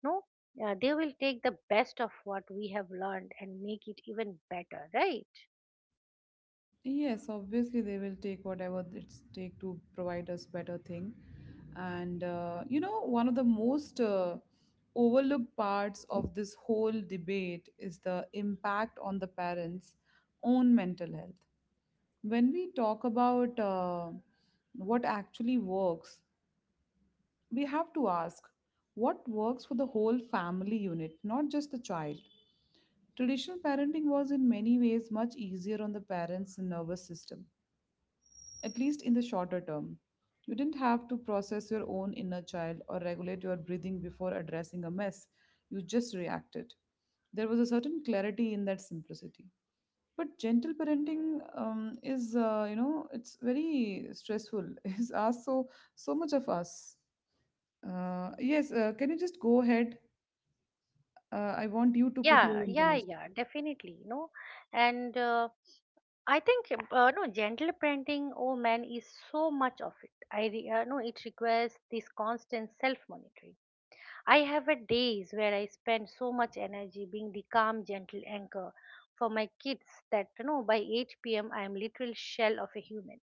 B: no, they will take the best of what we have learned and make it even better, right?
A: Yes, obviously they will take whatever it's take to provide us better thing. And you know, one of the most overlooked parts of this whole debate is the impact on the parents' own mental health. When we talk about what actually works, we have to ask what works for the whole family unit, not just the child. Traditional parenting was in many ways much easier on the parents' nervous system, at least in the shorter term. You didn't have to process your own inner child or regulate your breathing before addressing a mess. You just reacted. There was a certain clarity in that simplicity. But gentle parenting you know, it's very stressful. It's asked so much of us. Yes, can you just go ahead? I want you to put
B: Yeah,
A: your
B: yeah,
A: information.
B: yeah, definitely. No. And I think no gentle parenting, oh man, is so much of it. I re- no It requires this constant self monitoring. I have a days where I spend so much energy being the calm, gentle anchor for my kids that you know by 8 p.m. I am literal shell of a human.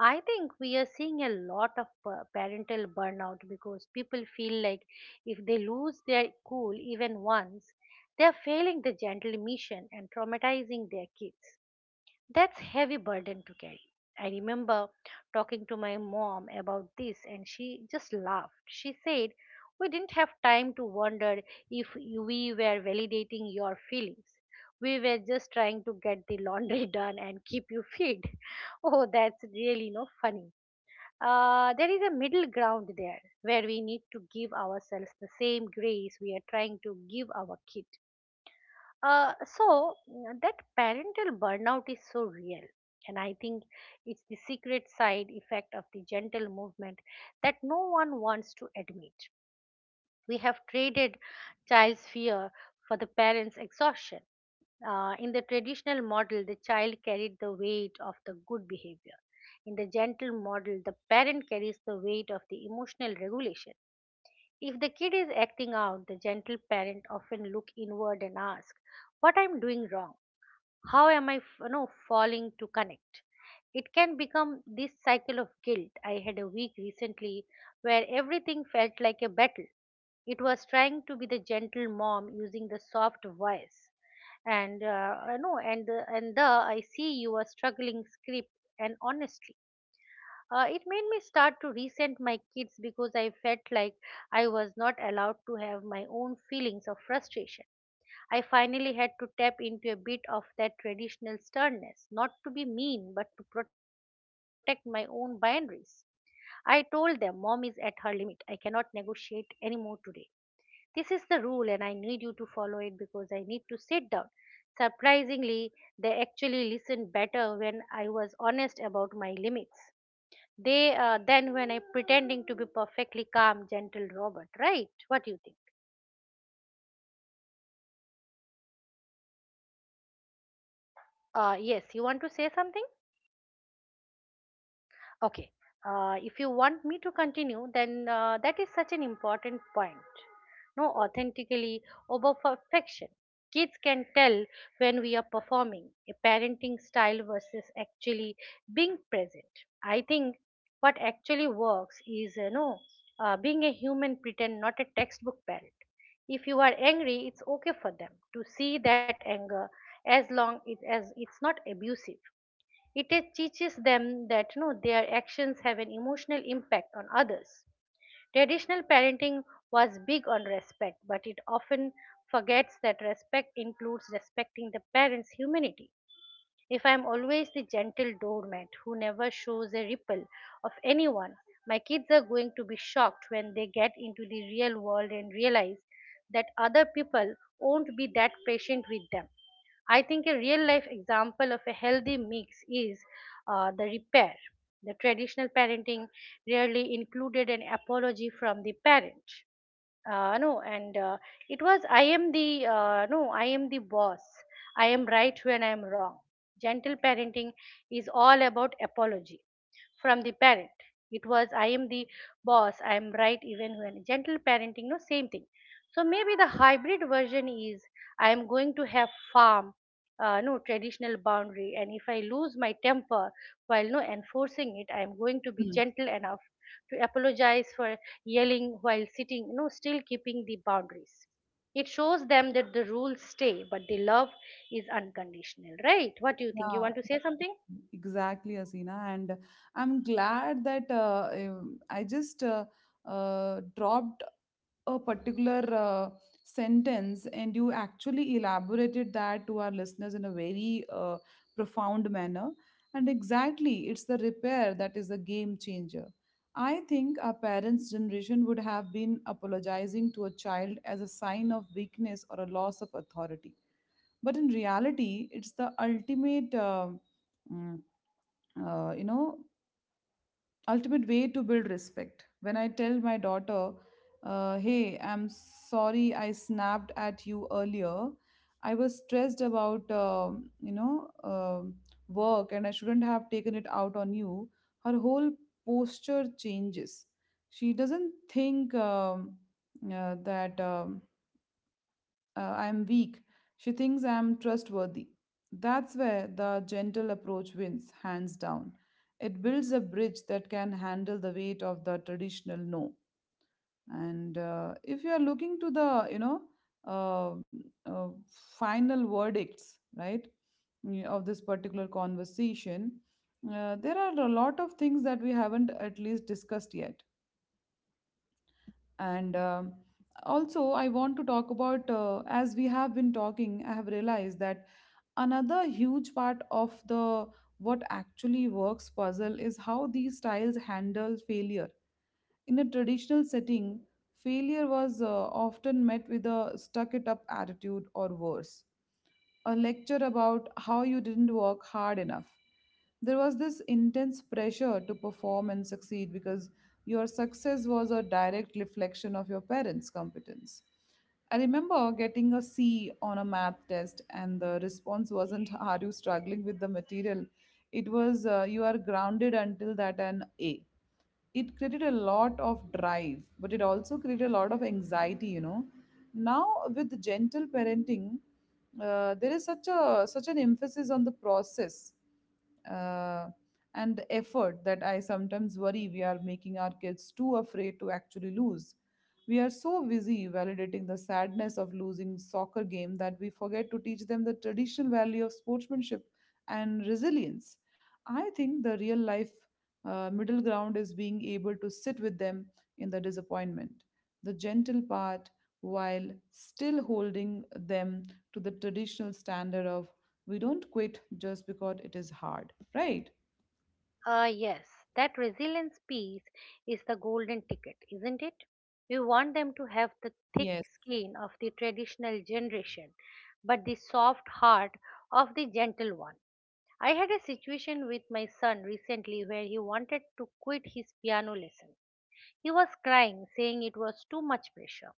B: I think we are seeing a lot of parental burnout because people feel like if they lose their cool even once, they are failing the gentle mission and traumatizing their kids. That's heavy burden to carry. I remember talking to my mom about this and she just laughed. She said, "We didn't have time to wonder if we were validating your feelings. We were just trying to get the laundry done and keep you fed." Oh, that's really no funny. There is a middle ground there where we need to give ourselves the same grace we are trying to give our kid. So that parental burnout is so real, and I think it's the secret side effect of the gentle movement that no one wants to admit. We have traded child's fear for the parent's exhaustion. In the traditional model, the child carried the weight of the good behavior. In the gentle model, the parent carries the weight of the emotional regulation. If the kid is acting out, the gentle parent often look inward and ask, "What I'm doing wrong?" How am I falling to connect. It can become this cycle of guilt. I had a week recently where everything felt like a battle. It was trying to be the gentle mom using the soft voice and I know and the I see you are struggling script, and honestly, it made me start to resent my kids because I felt like I was not allowed to have my own feelings of frustration. I finally had to tap into a bit of that traditional sternness, not to be mean, but to protect my own boundaries. I told them, Mom is at her limit. I cannot negotiate anymore today. This is the rule, and I need you to follow it because I need to sit down. Surprisingly, they actually listened better when I was honest about my limits. They Then when I pretending to be perfectly calm, gentle Robert, right? What do you think? Yes, you want to say something? Okay. If you want me to continue, then that is such an important point. No, authentically over perfection. Kids can tell when we are performing a parenting style versus actually being present. I think what actually works is, you know, being a human pretend, not a textbook parent. If you are angry, it's okay for them to see that anger as long as it's not abusive. It teaches them that no, their actions have an emotional impact on others. Traditional parenting was big on respect, but it often forgets that respect includes respecting the parents' humanity. If I am always the gentle doormat who never shows a ripple of anyone, my kids are going to be shocked when they get into the real world and realize that other people won't be that patient with them. I think a real life example of a healthy mix is the repair. The traditional parenting rarely included an apology from the parent. No and It was I am the no I am the boss, I am right when I am wrong. Gentle parenting is all about apology from the parent. It was, I am the boss, I am right, even when gentle parenting, no, same thing. So maybe the hybrid version is, I am going to have farm, no, traditional boundary, and if I lose my temper while no enforcing it, I am going to be gentle enough to apologize for yelling while sitting, no, still keeping the boundaries. It shows them that the rules stay, but the love is unconditional, right? What do you think? You
A: Yeah,
B: want to say something?
A: exactly, Asina. And I'm glad that I just dropped a particular sentence, and you actually elaborated that to our listeners in a very profound manner. And exactly, it's the repair that is the game changer. I think our parents' generation would have been apologizing to a child as a sign of weakness or a loss of authority, but in reality it's the ultimate mm, you know, ultimate way to build respect. When I tell my daughter, "Hey, I'm sorry I snapped at you earlier. I was stressed about um work, and I shouldn't have taken it out on you," her whole posture changes. She doesn't think that I am weak. She thinks I am trustworthy. That's where the gentle approach wins, hands down. It builds a bridge that can handle the weight of the traditional no. And if you are looking to the, uh, uh, final verdicts, right, of this particular conversation, there are a lot of things that we haven't at least discussed yet, and also I want to talk about as we have been talking, I have realized that another huge part of the what actually works puzzle is how these styles handle failure. In a traditional setting, failure was often met with a stuck it up attitude or worse. A lecture about how you didn't work hard enough. There was this intense pressure to perform and succeed because your success was a direct reflection of your parents' competence. I remember getting a C on a math test, and the response wasn't, "Are you struggling with the material?" It was, "You are grounded until that an A." It created a lot of drive, but it also created a lot of anxiety, you know. Now with gentle parenting, there is such an emphasis on the process uh, and the effort that I sometimes worry we are making our kids too afraid to actually lose. We are so busy validating the sadness of losing soccer game that we forget to teach them the traditional value of sportsmanship and resilience. I think the real life middle ground is being able to sit with them in the disappointment, the gentle part, while still holding them to the traditional standard of we don't quit just because it is hard, right?
B: Yes, that resilience piece is the golden ticket, isn't it? You want them to have the thick
A: Yes.
B: skin of the traditional generation, but the soft heart of the gentle one. I had a situation with my son recently where he wanted to quit his piano lesson. He was crying, saying it was too much pressure,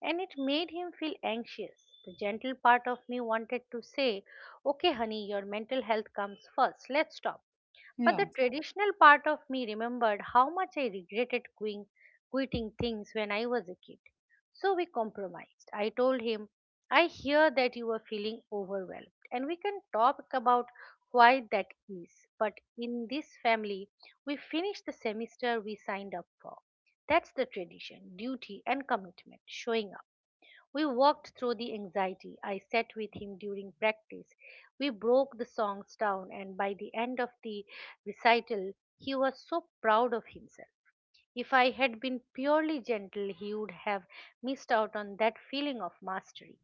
B: and it made him feel anxious. The gentle part of me wanted to say, Okay, honey, your mental health comes first. Let's stop. But
A: Yeah,
B: the traditional part of me remembered how much I regretted quitting things when I was a kid. So we compromised. I told him, I hear that you are feeling overwhelmed, and we can talk about why that is. But in this family, we finish the semester we signed up for. That's the tradition, duty, and commitment showing up. We walked through the anxiety. I sat with him during practice. We broke the songs down, and by the end of the recital, he was so proud of himself. If I had been purely gentle, he would have missed out on that feeling of mastery.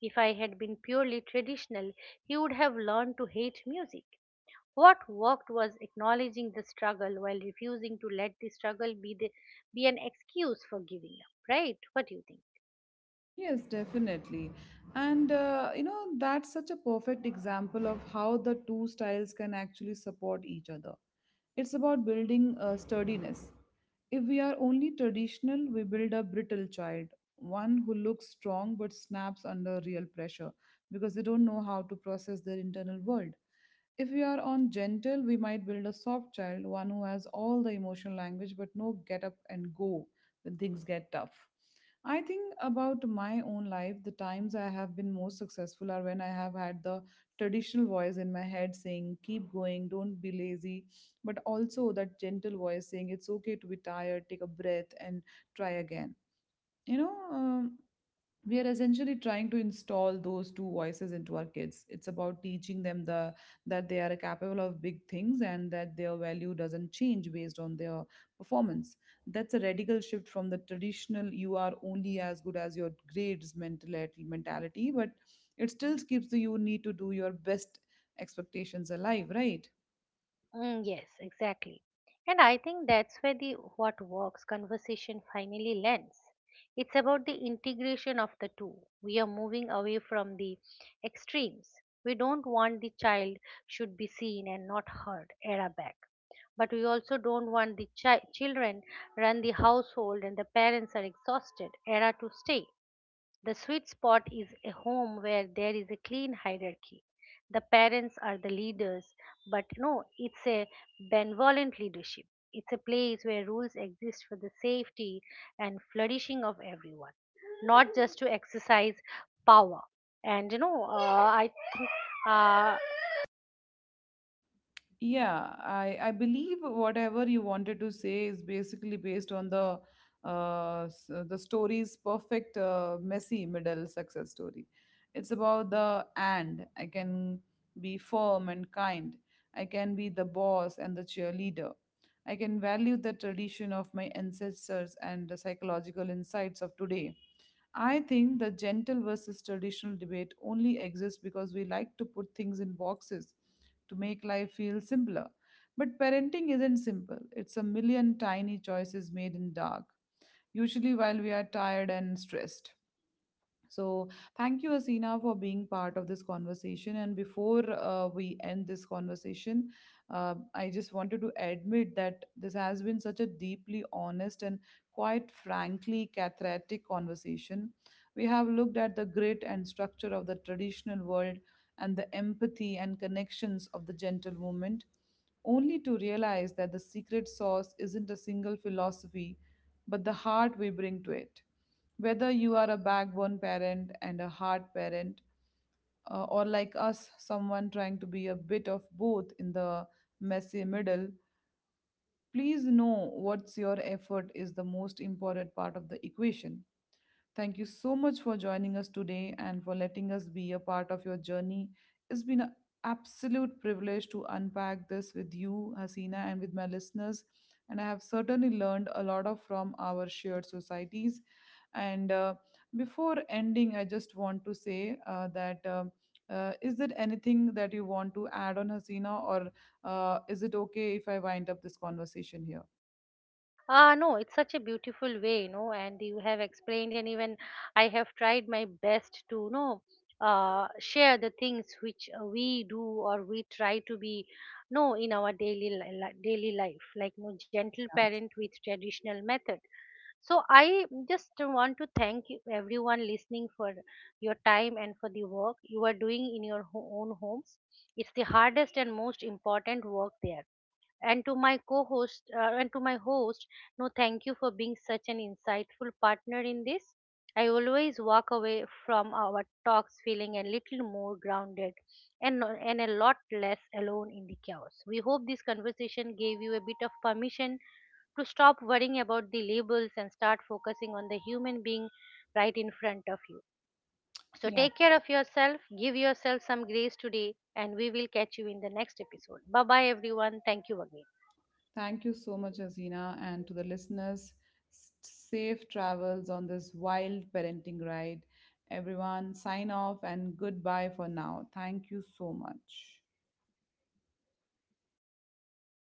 B: If I had been purely traditional, he would have learned to hate music. What worked was acknowledging the struggle while refusing to let the struggle be an excuse for giving up, right? What do you think?
A: yes, definitely. And you know, that's such a perfect example of how the two styles can actually support each other. It's about building sturdiness. If we are only traditional, we build a brittle child, one who looks strong but snaps under real pressure because they don't know how to process their internal world. If we are on gentle, we might build a soft child, one who has all the emotional language but no get up and go when things get tough. I think about my own life, the times I have been most successful are when I have had the traditional voice in my head saying, "Keep going, don't be lazy," but also that gentle voice saying it's okay to be tired, take a breath, and try again. You know, we are essentially trying to install those two voices into our kids. It's about teaching them the that they are capable of big things, and that their value doesn't change based on their performance. That's a radical shift from the traditional "you are only as good as your grades" mentality, but it still keeps the "you need to do your best" expectations alive, right?
B: Mm, yes, exactly. And I think that's where the what works conversation finally lands. It's about the integration of the two. We are moving away from the extremes. We don't want the child should be seen and not heard era back. But we also don't want the children run the household and the parents are exhausted era to stay. The sweet spot is a home where there is a clean hierarchy. The parents are the leaders, but no, it's a benevolent leadership. It's a place where rules exist for the safety and flourishing of everyone, not just to exercise power. And you know, I think uh,
A: Yeah, I believe whatever you wanted to say is basically based on the the story's perfect messy middle success story. It's about the and I can be firm and kind. I can be the boss and the cheerleader. I can value the tradition of my ancestors and the psychological insights of today. I think the gentle versus traditional debate only exists because we like to put things in boxes to make life feel simpler. But parenting isn't simple, it's a million tiny choices made in dark, usually while we are tired and stressed. So, thank you, Asina, for being part of this conversation. And before we end this conversation, I just wanted to admit that this has been such a deeply honest and quite frankly cathartic conversation. We have looked at the grit and structure of the traditional world and the empathy and connections of the gentle movement, only to realize that the secret sauce isn't a single philosophy, but the heart we bring to it, whether you are a backbone parent and a hard parent, or like us, someone trying to be a bit of both in the messy middle, please know what's your effort is the most important part of the equation. Thank you so much for joining us today and for letting us be a part of your journey. It's been an absolute privilege to unpack this with you, Hasina, and with my listeners. And I have certainly learned a lot of from our shared societies. And before ending, I just want to say that is there anything that you want to add on, Hasina, or is it okay if I wind up this conversation here?
B: Ah, no, it's such a beautiful way, you know, and you have explained, and even I have tried my best to, you know, share the things which we do or we try to be, no, in our daily daily life, like you gentle parent with traditional method. So I just want to thank you, everyone listening for your time and for the work you are doing in your own homes. It's the hardest and most important work there, and to my host, no, thank you for being such an insightful partner in this. I always walk away from our talks feeling a little more grounded and no- and a lot less alone in the chaos. We hope this conversation gave you a bit of permission to stop worrying about the labels and start focusing on the human being right in front of you. So
A: Yeah.
B: take care of yourself, give yourself some grace today, and we will catch you in the next episode. Bye bye, everyone. Thank you again.
A: Thank you so much, Azina, and to the listeners. Safe travels on this wild parenting ride. Everyone, sign off and goodbye for now. Thank you so much.